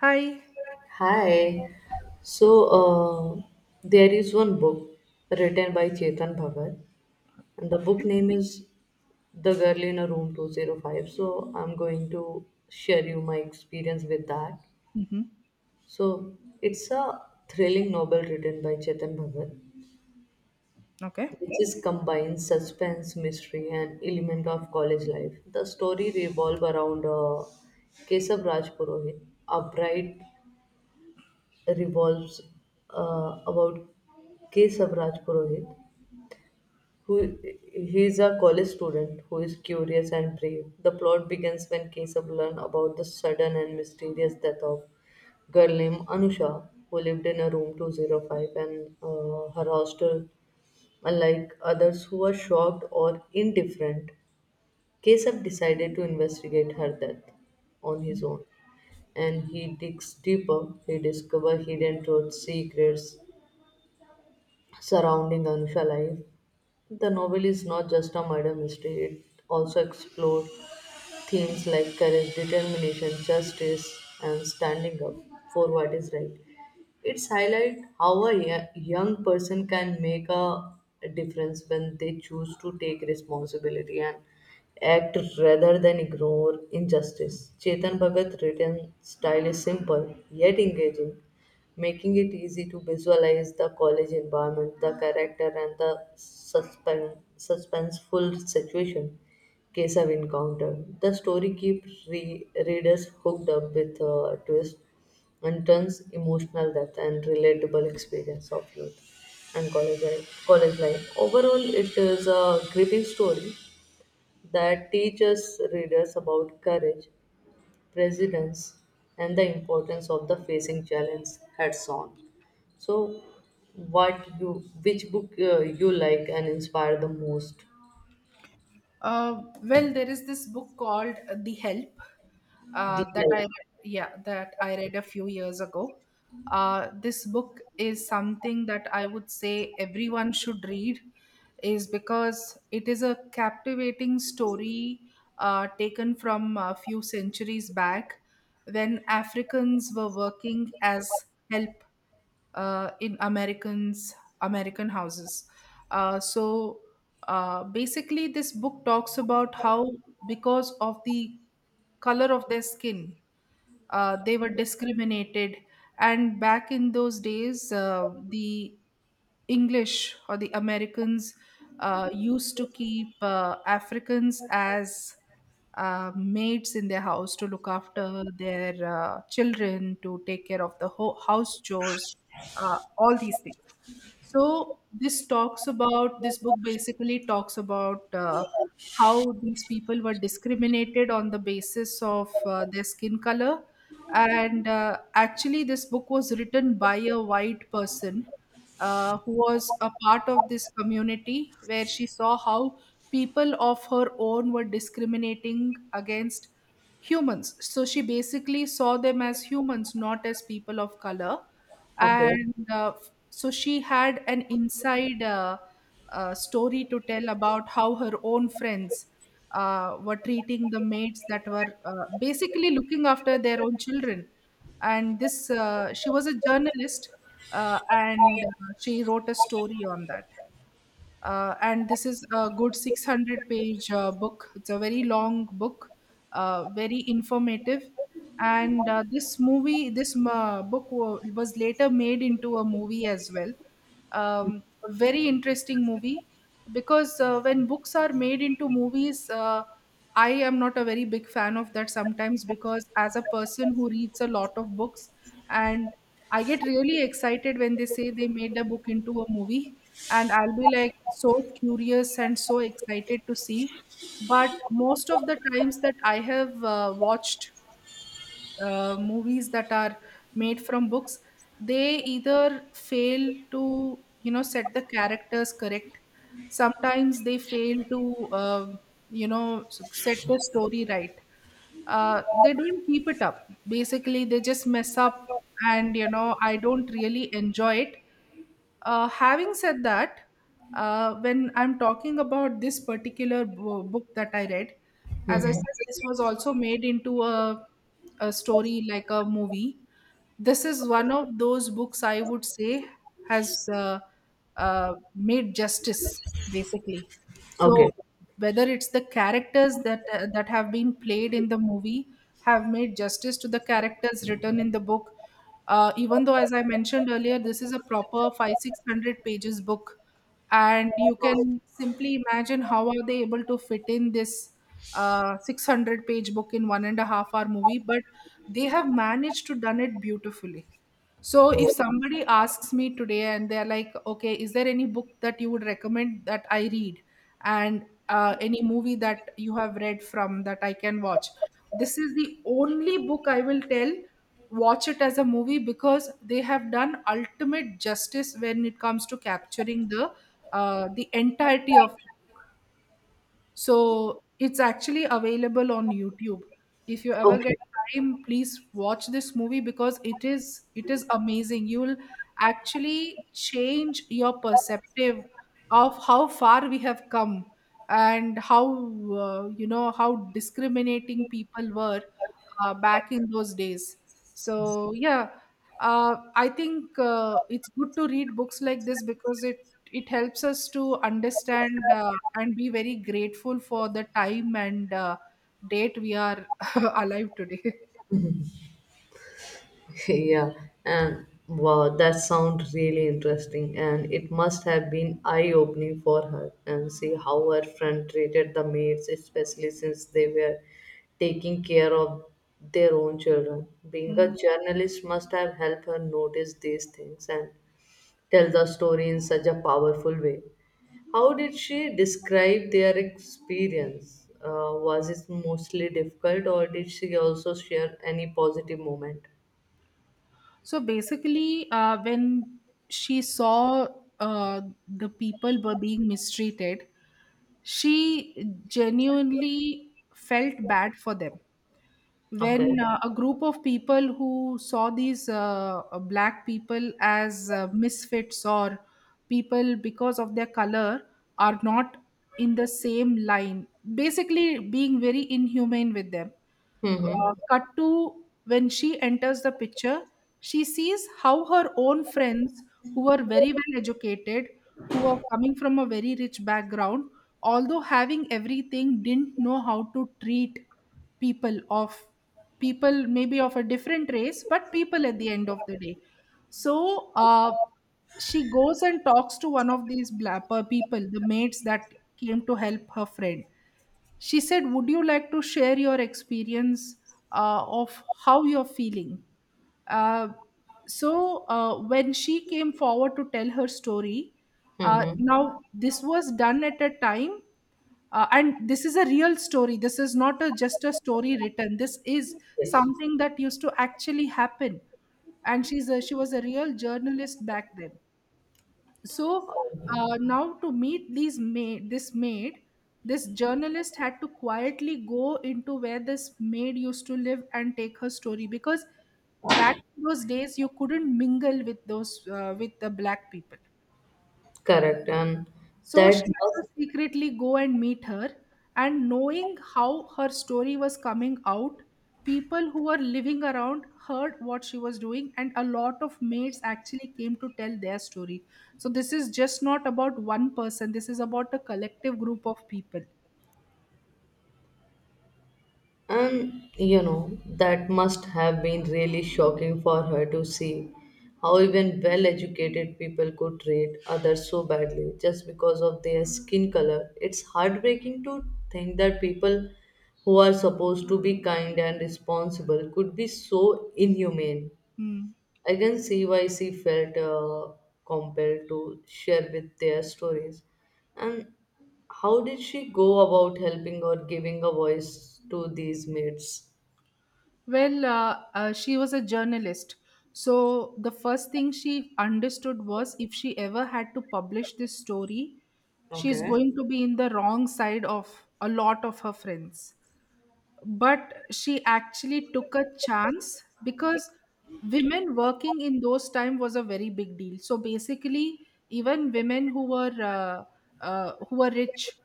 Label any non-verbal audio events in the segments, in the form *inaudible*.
Hi. Hi. So, there is one book written by Chetan Bhagat, and the book name is The Girl in a Room 205. So, I'm going to share you my experience with that. Mm-hmm. So, it's a thrilling novel written by Chetan Bhagat, Okay. which is combines suspense, mystery, and element of college life. The story revolves around Keshav Raj Purohit, a bright revolves about K. Savraj Purohit, who he is a college student who is curious and brave. The plot begins when Keshav learns about the sudden and mysterious death of girl named Anusha, who lived in a room 205 and her hostel. Unlike others who were shocked or indifferent, Keshav decided to investigate her death on his own and he digs deeper. He discovers hidden truths, secrets, surrounding Anusha life. The novel is not just a murder mystery, it also explores themes like courage, determination, justice, and standing up for what is right. It's highlight how a young person can make a difference when they choose to take responsibility and act rather than ignore injustice. Chetan Bhagat written style is simple yet engaging, making it easy to visualize the college environment, the character, and the suspenseful situation case have encountered. The story keeps readers hooked up with twists and turns, emotional depth, and relatable experience of youth and college life. College life. Overall, it is a gripping story that teaches readers about courage, presence and the importance of the facing challenge heads on. So, what you which book you like and inspire the most? Well, there is this book called The Help, The that I, yeah, that I read a few years ago. This book is something that I would say everyone should read, is because it is a captivating story, taken from a few centuries back when Africans were working as help, in American houses. Uh, so basically, this book talks about how, because of the color of their skin, they were discriminated, and back in those days the English or the Americans used to keep Africans as maids in their house to look after their children, to take care of the house chores, all these things. So this book basically talks about how these people were discriminated on the basis of their skin color. And actually this book was written by a white person who was a part of this community, where she saw how people of her own were discriminating against humans. So she basically saw them as humans, not as people of color. okay, And so she had an inside, story to tell about how her own friends were treating the maids that were basically looking after their own children. And this, she was a journalist, and she wrote a story on that, and this is a good 600 page book, it's a very long book, very informative. And this book was later made into a movie as well, a very interesting movie, because when books are made into movies, I am not a very big fan of that sometimes, because as a person who reads a lot of books, and I get really excited when they say they made a book into a movie, and I'll be like so curious and so excited to see. But most of the times that I have watched movies that are made from books, they either fail to, you know, set the characters correct. Sometimes they fail to, you know, set the story right. They don't keep it up. Basically, they just mess up, and, you know, I don't really enjoy it. Having said that, when I'm talking about this particular book that I read, as I said, this was also made into a story, like a movie. This is one of those books I would say has made justice, basically. So okay, whether it's the characters that have been played in the movie have made justice to the characters written in the book, even though, as I mentioned earlier, this is a proper five six hundred pages book, and you can simply imagine how are they able to fit in this 600 page book in 1.5 hour movie. But they have managed to done it beautifully. So if somebody asks me today and they're like, okay, is there any book that you would recommend that I read, and any movie that you have read from that I can watch? This is the only book I will tell, watch it as a movie, because they have done ultimate justice when it comes to capturing the, entirety of the book. So it's actually available on YouTube. If you ever get okay, time, please watch this movie, because it is amazing. You will actually change your perceptive of how far we have come, and how, you know, how discriminating people were back in those days. So yeah, I think it's good to read books like this, because it helps us to understand, and be very grateful for the time and date we are *laughs* alive today. *laughs* yeah, and wow, that sounds really interesting. And it must have been eye-opening for her and see how her friend treated the maids, especially since they were taking care of their own children. Being a Mm. journalist must have helped her notice these things and tell the story in such a powerful way. How did she describe their experience? Was it mostly difficult, or did she also share any positive moment? So basically, when she saw the people were being mistreated, she genuinely felt bad for them. Okay. When a group of people who saw these black people as misfits, or people because of their color are not in the same line, basically being very inhumane with them, Mm-hmm. Cut to when she enters the picture, she sees how her own friends, who are very well educated, who are coming from a very rich background, although having everything, didn't know how to treat people of people, maybe of a different race, but people at the end of the day. So she goes and talks to one of these people, the maids that came to help her friend. She said, "Would you like to share your experience of how you're feeling?" Uh, so, when she came forward to tell her story, Mm-hmm. now this was done at a time, and this is a real story. This is not just a story written. This is Yes. something that used to actually happen. And she was a real journalist back then. So now to meet this maid, this journalist had to quietly go into where this maid used to live and take her story, because back in those days you couldn't mingle with those, with the black people. Correct. So she that had must, to secretly go and meet her. And knowing how her story was coming out, people who were living around heard what she was doing, and a lot of maids actually came to tell their story. So this is just not about one person, this is about a collective group of people. and you know, that must have been really shocking for her to see how even well-educated people could treat others so badly just because of their skin color. It's heartbreaking to think that people who are supposed to be kind and responsible could be so inhumane. Hmm. I can see why she felt compelled to share with their stories. And how did she go about helping or giving a voice to these maids? Well, she was a journalist. So the first thing she understood was, if she ever had to publish this story, she's Okay. going to be in the wrong side of a lot of her friends. But she actually took a chance, because women working in those time was a very big deal. So basically, even women who were rich,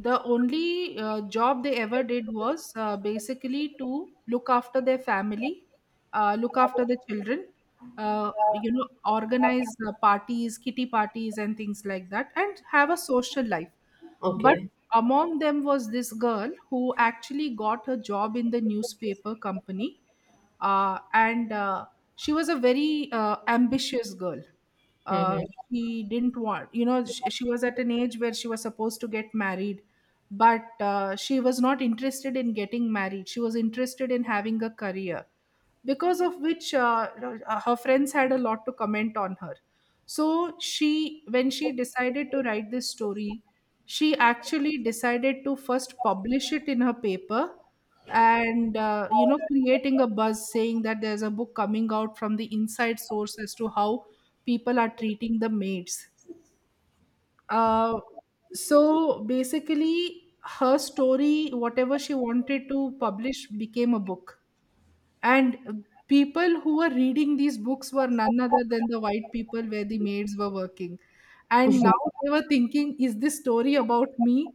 the only job they ever did was basically to look after their family, look after the children, you know, organize parties, kitty parties, and things like that, and have a social life. But Okay. among them was this girl who actually got a job in the newspaper company, and she was a very ambitious girl. Uh, Mm-hmm. she didn't want, you know, she was at an age where she was supposed to get married, but she was not interested in getting married. She was interested in having a career, because of which her friends had a lot to comment on her. So she, when she decided to write this story, she actually decided to first publish it in her paper and, you know, creating a buzz, saying that there's a book coming out from the inside source, as to how people are treating the maids. uh, so basically, her story, whatever she wanted to publish, became a book, and people who were reading these books were none other than the white people where the maids were working. And now they were thinking, is this story about me?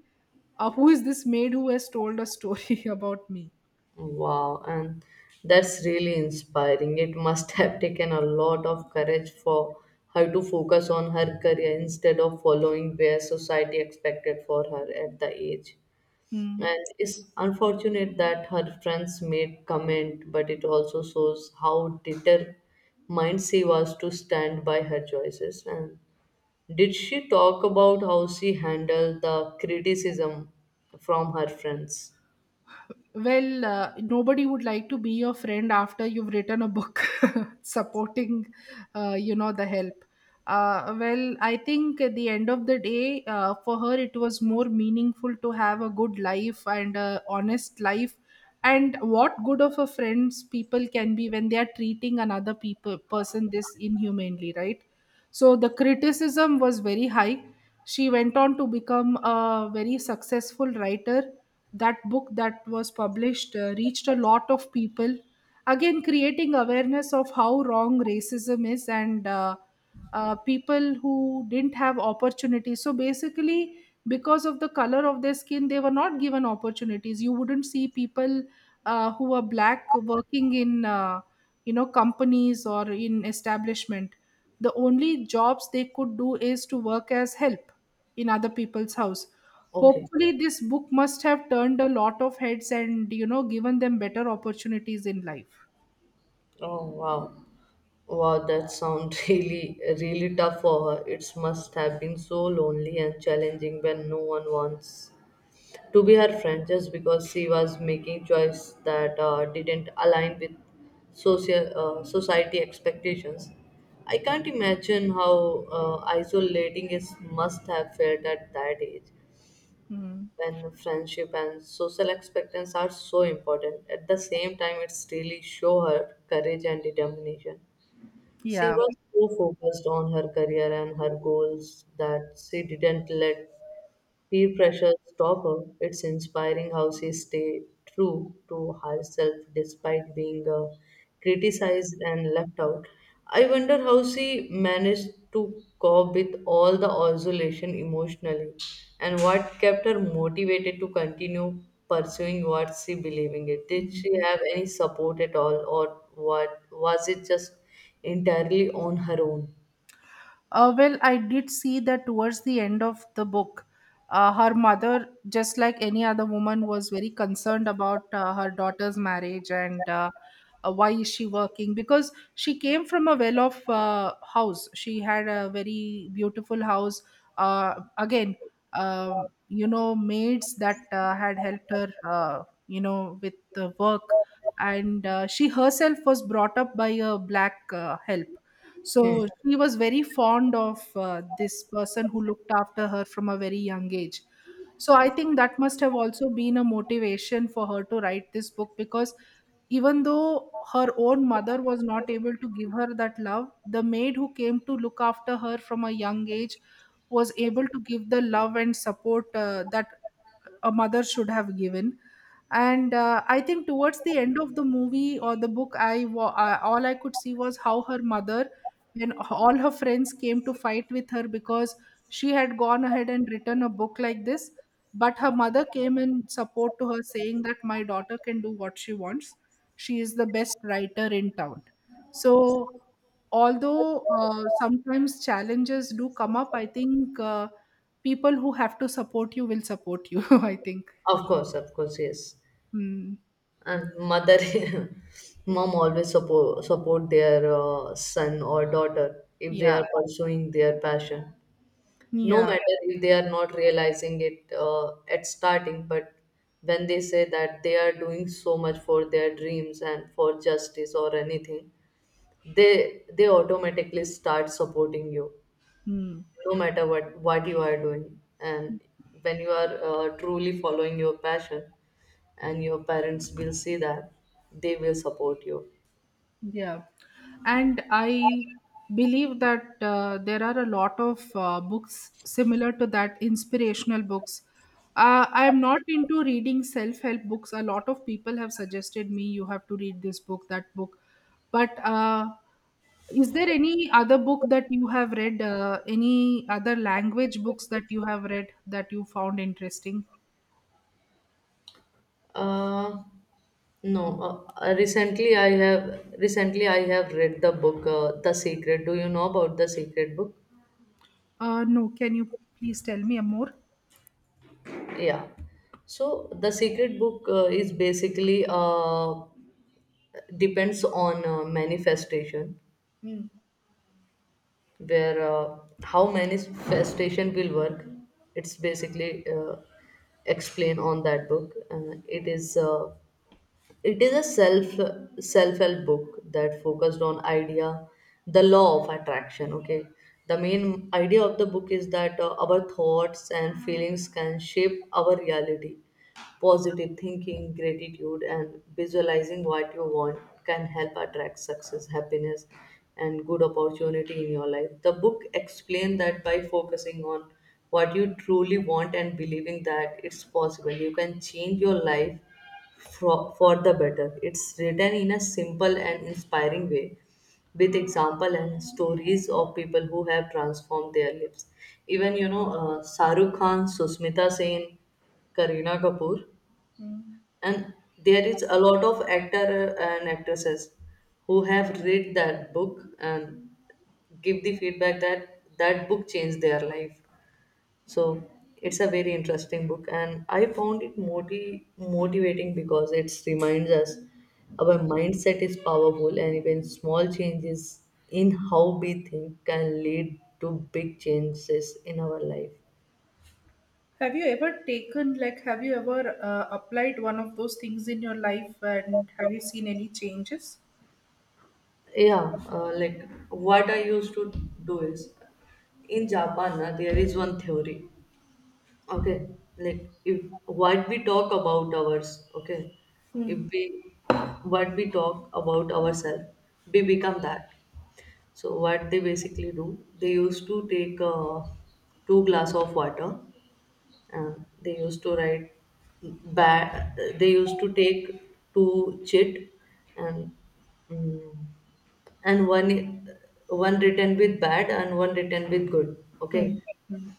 Who is this maid who has told a story *laughs* about me? Wow. And that's really inspiring. It must have taken a lot of courage for her to focus on her career instead of following where society expected for her at the age. Hmm. And it's unfortunate that her friends made comment, but it also shows how determined she was to stand by her choices. And did she talk about how she handled the criticism from her friends? Well, nobody would like to be your friend after you've written a book *laughs* supporting, you know, the help. Well, I think at the end of the day, for her, it was more meaningful to have a good life and a honest life. And what good of a friends people can be when they are treating another people person this inhumanely, right? So the criticism was very high. She went on to become a very successful writer that book that was published reached a lot of people again creating awareness of how wrong racism is and people who didn't have opportunities so basically because of the color of their skin they were not given opportunities you wouldn't see people who are black working in you know companies or in establishment the only jobs they could do is to work as help in other people's house Okay. Hopefully, this book must have turned a lot of heads and, you know, given them better opportunities in life. Oh wow. Wow, that sounds *laughs* really, really tough for her. It must have been so lonely and challenging when no one wants to be her friend just because she was making choice that didn't align with social society expectations. I can't imagine how isolating it must have felt at that age Mm. when friendship and social expectations are so important. At the same time, it's really show her courage and determination. She Yeah. was so focused on her career and her goals that she didn't let peer pressure stopper. It's inspiring how she stayed true to herself despite being criticized and left out. I wonder how she managed to cope with all the isolation emotionally and what kept her motivated to continue pursuing what she believing it. Did she have any support at all or what was it just entirely on her own? Well, I did see that towards the end of the book, her mother, just like any other woman, was very concerned about her daughter's marriage and why is she working? Because she came from a well-off house. She had a very beautiful house. Again, you know, maids that had helped her, you know, with the work, and she herself was brought up by a black help Hmm. so she was very fond of this person who looked after her from a very young age. So I think that must have also been a motivation for her to write this book because even though her own mother was not able to give her that love, the maid who came to look after her from a young age was able to give the love and support that a mother should have given. And I think towards the end of the movie or the book all I could see was how her mother, when all her friends came to fight with her because she had gone ahead and written a book like this, but her mother came in support to her saying that my daughter can do what she wants, she is the best writer in town. So although sometimes challenges do come up, I think people who have to support you will support you, *laughs* I think. Of course, yes. Hmm. And mother *laughs* mom always support their son or daughter if they are Yeah. pursuing their passion, no Yeah. matter if they are not realizing it at starting, but when they say that they are doing so much for their dreams and for justice or anything, they automatically start supporting you Hmm. no matter what you are doing. And when you are truly following your passion and your parents will see that, they will support you. Yeah, and I believe that there are a lot of books similar to that, inspirational books. I am not into reading self-help books. A lot of people have suggested me, you have to read this book, that book. But Is there any other book that you have read, any other language books that you have read, that you found interesting? Uh, no recently I have read the book, the Secret. Do you know about the Secret book? No, can you please tell me a more? Yeah, so the Secret book is basically depends on manifestation, Hmm. where how manifestation will work. It's basically explained on that book. It is a self help book that focused on idea, the law of attraction. Okay, the main idea of the book is that our thoughts and feelings can shape our reality. Positive thinking, gratitude, and visualizing what you want can help attract success, happiness, and good opportunity in your life. The book explained that by focusing on what you truly want and believing that it's possible, you can change your life for the better. It's written in a simple and inspiring way with example and stories of people who have transformed their lives. Even, you know, Sarukh Khan, Susmita Sen, Kareena Kapoor, and there is a lot of actor and actresses who have read that book and give the feedback that that book changed their life. So it's a very interesting book, and I found it motivating because it reminds us our mindset is powerful and even small changes in how we think can lead to big changes in our life. Have you ever taken, like, have you ever applied one of those things in your life and have you seen any changes? Yeah, like what I used to do is, in Japan na, there is one theory. Okay, like if what we talk about ours, okay, if Hmm. we what we talk about ourselves, we become that. So what they basically do, they used to take two glass of water. Uh, they used to write bad. They used to take two chit and mm, and one one written with bad and one written with good. Okay, Hmm. Hmm.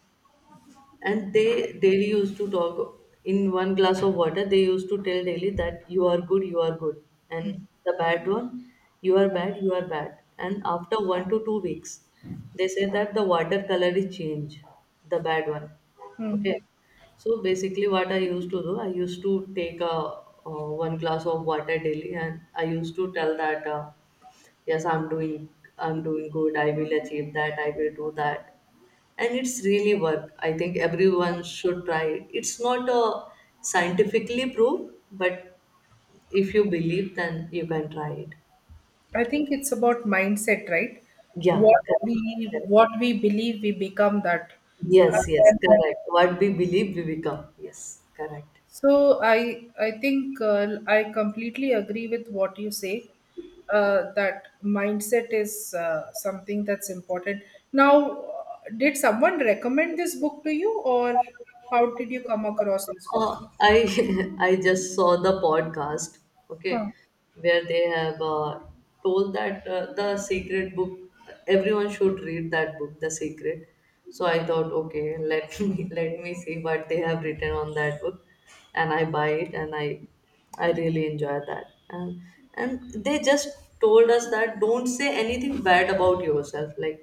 and they daily used to talk in one glass of water, they used to tell daily that you are good, you are good, and Hmm. the bad one, you are bad, you are bad. And after 1 to 2 weeks, they say that the water color is change, the bad one. Hmm. Okay, so basically what I used to do, I used to take a one glass of water daily, and I used to tell that yes I'm doing good, I will achieve that, I will do that. And it's really work. I think everyone should try it. It's not a scientifically proved, but if you believe then you can try it. I think it's about mindset, right? Yeah. What Correct, we correct. what we believe, we become that. Yes, yes, And correct. What we believe, we become. Yes, correct. So I think I completely agree with what you say. That mindset is something that's important. Now, did someone recommend this book to you, or how did you come across this book? I *laughs* I just saw the podcast, okay, Huh. where they have told that the Secret book, everyone should read that book, The Secret. So I thought, okay, let *laughs* me let me see what they have written on that book, and I buy it, and I really enjoy that. And they just told us that don't say anything bad about yourself, like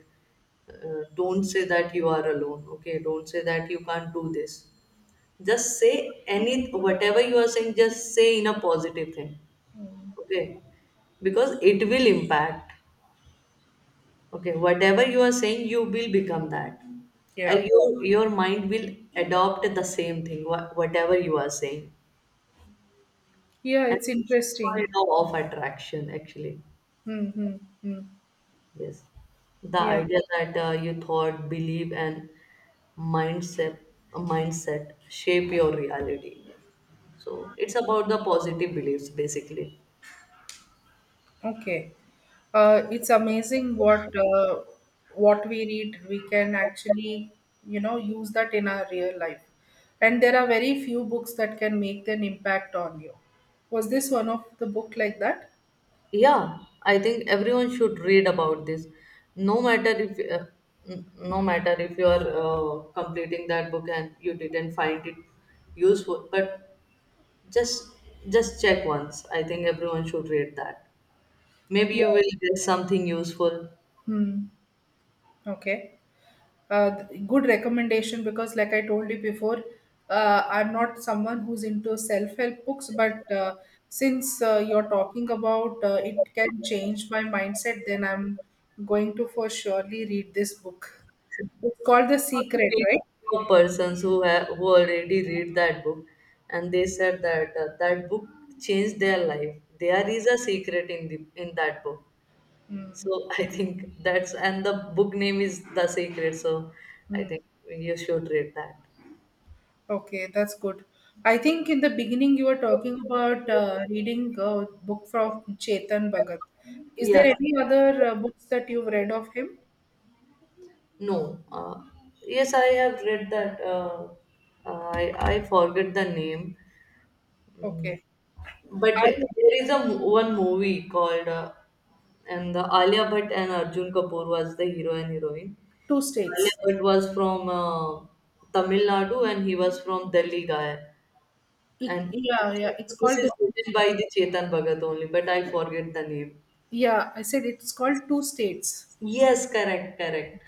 don't say that you are alone, okay, don't say that you can't do this, just say any whatever you are saying, just say in a positive thing. Okay. Because it will impact. Okay. Whatever you are saying, you will become that. And Yeah. your mind will adopt the same thing, whatever you are saying. Yeah, And it's it's interesting. called law of attraction, actually. Mm-hmm. Mm-hmm. Yes. The Yeah. idea that you thought, believe, and mindset mindset shape your reality. So it's about the positive beliefs basically. Okay. It's amazing what we read. We can actually, you know, use that in our real life. And there are very few books that can make an impact on you. Was this one of the book like that? Yeah, I think everyone should read about this. No matter if no matter if you are completing that book and you didn't find it useful, but just just check once. I think everyone should read that. Maybe Yeah. you will get something useful. Hmm. Okay. Good recommendation, because like I told you before, I'm not someone who's into self-help books, but since you're talking about it can change my mindset, then I'm going to for surely read this book. It's called The Secret, Or right? persons who have who already read that book, and they said that that book changed their life. There is a secret in that book. Mm. So *laughs* I think that's, and the book name is The Secret. So I Mm. think you should read that. Okay, that's good. I think in the beginning you were talking about reading a book from Chetan Bhagat. Is there Yeah. any other books that you've read of him? No. Yes, I have read that. I forget the name, Okay. but I've there is a one movie called and the Alia Bhatt and Arjun Kapoor was the hero and heroine. Two Alia states. Bhatt was from Tamil Nadu and he was from Delhi guy. It, And yeah, yeah, it's this called the— is written by the Chetan Bhagat only, but I forget the name. Yeah, I said it's called Two States. Yes, correct, correct.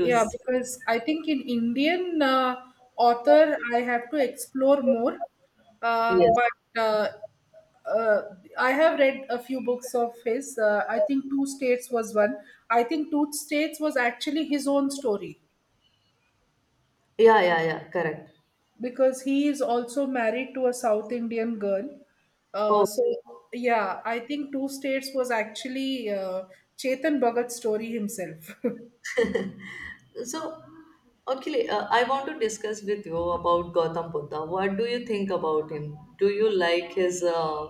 Yeah, because I think in Indian author, I have to explore more. Yes. But uh, I have read a few books of his. I think Two States was one. I think Two States was actually his own story, Yeah. Yeah, yeah, yeah, correct. because he is also married to a South Indian girl. Uh, Oh, so yeah, I think Two States was actually Chetan Bhagat's story himself. so okay, I want to discuss with you about Gautam Buddha. What do you think about him? Do you like his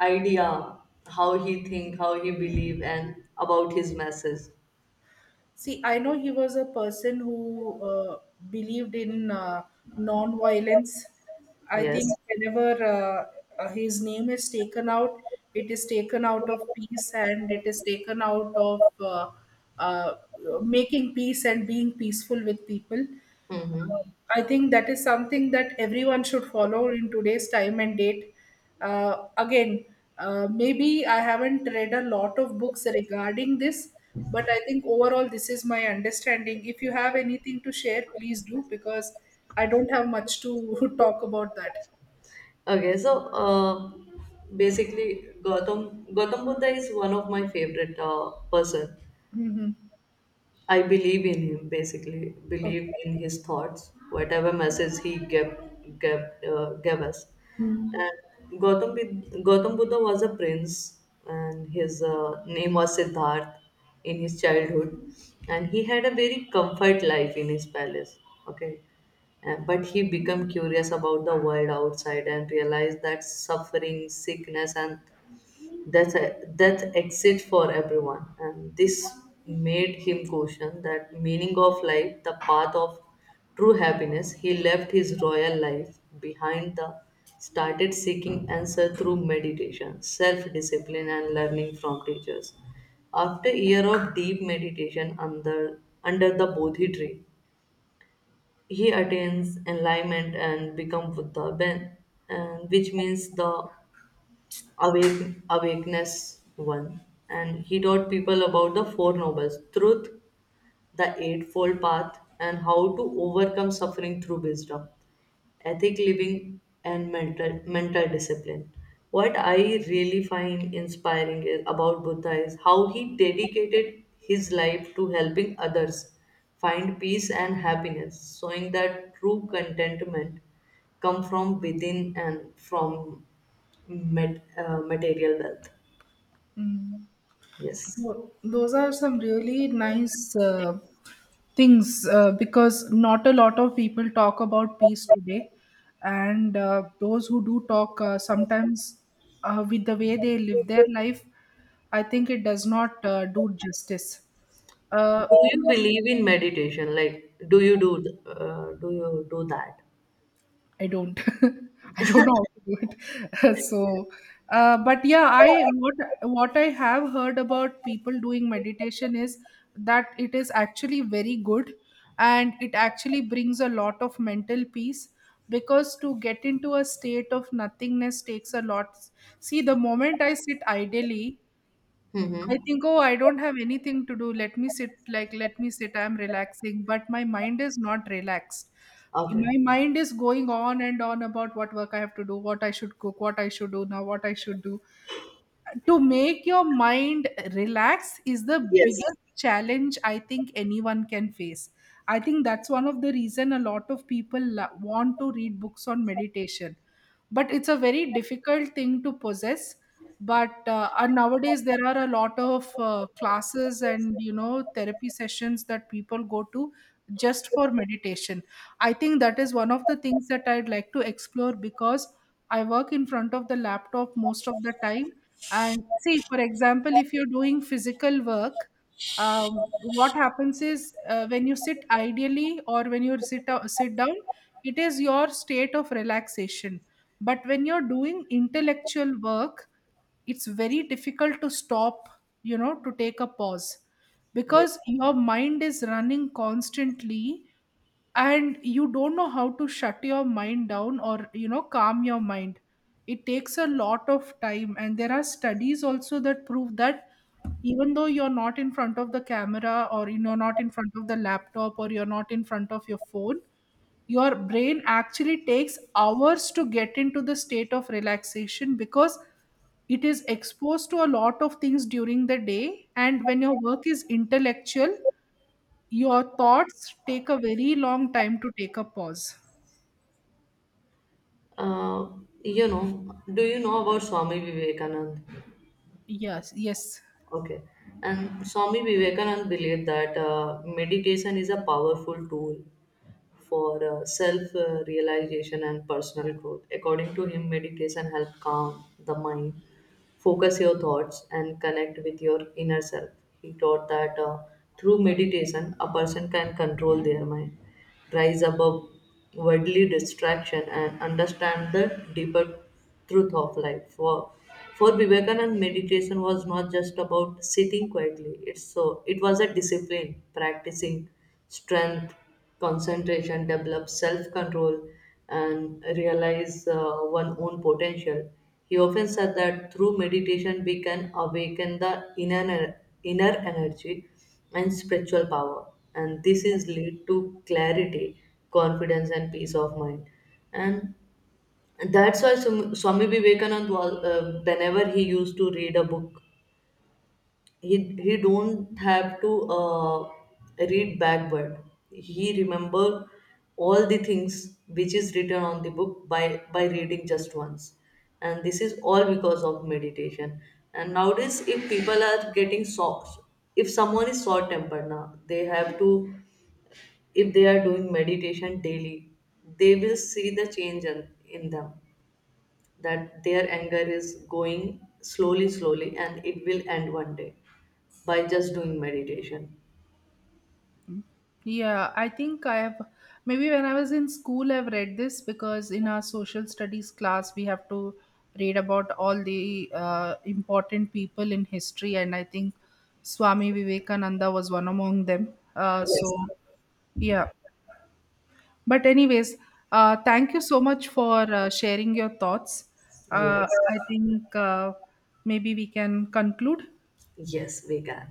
idea, how he think, how he believe, and about his message? *laughs* See, I know he was a person who believed in non-violence. I Yes. think whenever his name is taken out, it is taken out of peace and it is taken out of uh, making peace and being peaceful with people. Mm-hmm. I think that is something that everyone should follow in today's time and date. Uh, again, Maybe I haven't read a lot of books regarding this, but I think overall this is my understanding. If you have anything to share, please do, because I don't have much to *laughs* talk about that. Okay, so basically, Gautam Buddha is one of my favorite person. Hmm. I believe in him, basically, believe Okay. in his thoughts, whatever message gave, gave us. Hmm. And Gautam Buddha was a prince, and his name was Siddharth in his childhood. And he had a very comfort life in his palace. Okay. But he became curious about the world outside and realized that suffering, sickness, and that's that exit for everyone. And this made him question that meaning of life, the path of true happiness. He left his royal life behind the started seeking answer through meditation, self-discipline and learning from teachers. After year of deep meditation under the Bodhi tree, he attains enlightenment and become Buddha, ben, and which means the Awake, Awakeness 1. And he taught people about the Four Nobles truth, the Eightfold Path, and how to overcome suffering through wisdom, ethic living, and mental discipline. What I really find inspiring is, about Buddha is how he dedicated his life to helping others find peace and happiness, showing that true contentment come from within and from material wealth. Yes. Those are some really nice things, because not a lot of people talk about peace today. And those who do talk, sometimes with the way they live their life, I think it does not do justice. Uh, Do you believe in meditation? Like, do you do do you do that? I don't. *laughs* I don't know how to do it. *laughs* But yeah, I what I have heard about people doing meditation is that it is actually very good, and it actually brings a lot of mental peace, because to get into a state of nothingness takes a lot. See, the moment I sit idly, I Mm-hmm. think, oh, I don't have anything to do. Let me sit, like, let me sit. I'm relaxing. But my mind is not relaxed. Okay. My mind is going on and on about what work I have to do, what I should cook, what I should do now, what I should do to make your mind relax is the Yes. biggest challenge. I think anyone can face— I think that's one of the reason a lot of people want to read books on meditation, but it's a very difficult thing to possess. But and Nowadays there are a lot of classes and, you know, therapy sessions that people go to just for meditation. I think that is one of the things that I'd like to explore because I work in front of the laptop most of the time. And see, for example, if you're doing physical work, what happens is, when you sit ideally or when you sit, sit down, it is your state of relaxation. But when you're doing intellectual work, it's very difficult to stop, you know, to take a pause, Yes. because your mind is running constantly and you don't know how to shut your mind down or, you know, calm your mind. It takes a lot of time, and there are studies also that prove that even though you're not in front of the camera, or, you know, not in front of the laptop, or you're not in front of your phone, your brain actually takes hours to get into the state of relaxation because it is exposed to a lot of things during the day. And when your work is intellectual, your thoughts take a very long time to take a pause. Uh, you know, do you know about Swami Vivekanand? Yes. Yes. Okay. And Swami Vivekanand believed that meditation is a powerful tool for self realization and personal growth. According to him, meditation helps calm the mind, focus your thoughts, and connect with your inner self. He taught that through meditation, a person can control their mind, rise above worldly distraction and understand the deeper truth of life. For Vivekananda, meditation was not just about sitting quietly. It's so it was a discipline, practicing strength, concentration, develop self control, and realize one own potential. He often said that through meditation we can awaken the inner energy and spiritual power, and this is lead to clarity, confidence, and peace of mind. And that's why Swami Vivekananda was whenever he used to read a book, he he don't have to uh, read backward, he remember all the things which is written on the book by reading just once. And this is all because of meditation. And nowadays if people are getting short, if someone is short tempered now, they have to, if they are doing meditation daily, they will see the change in them, that their anger is going slowly, slowly, and it will end one day by just doing meditation. Yeah, I think I have, maybe when I was in school, I've read this, because in our social studies class, we have to read about all the important people in history, and I think Swami Vivekananda was one among them. Yes, Yeah, but, anyways, thank you so much for sharing your thoughts. yes, I think maybe we can conclude. yes, we can.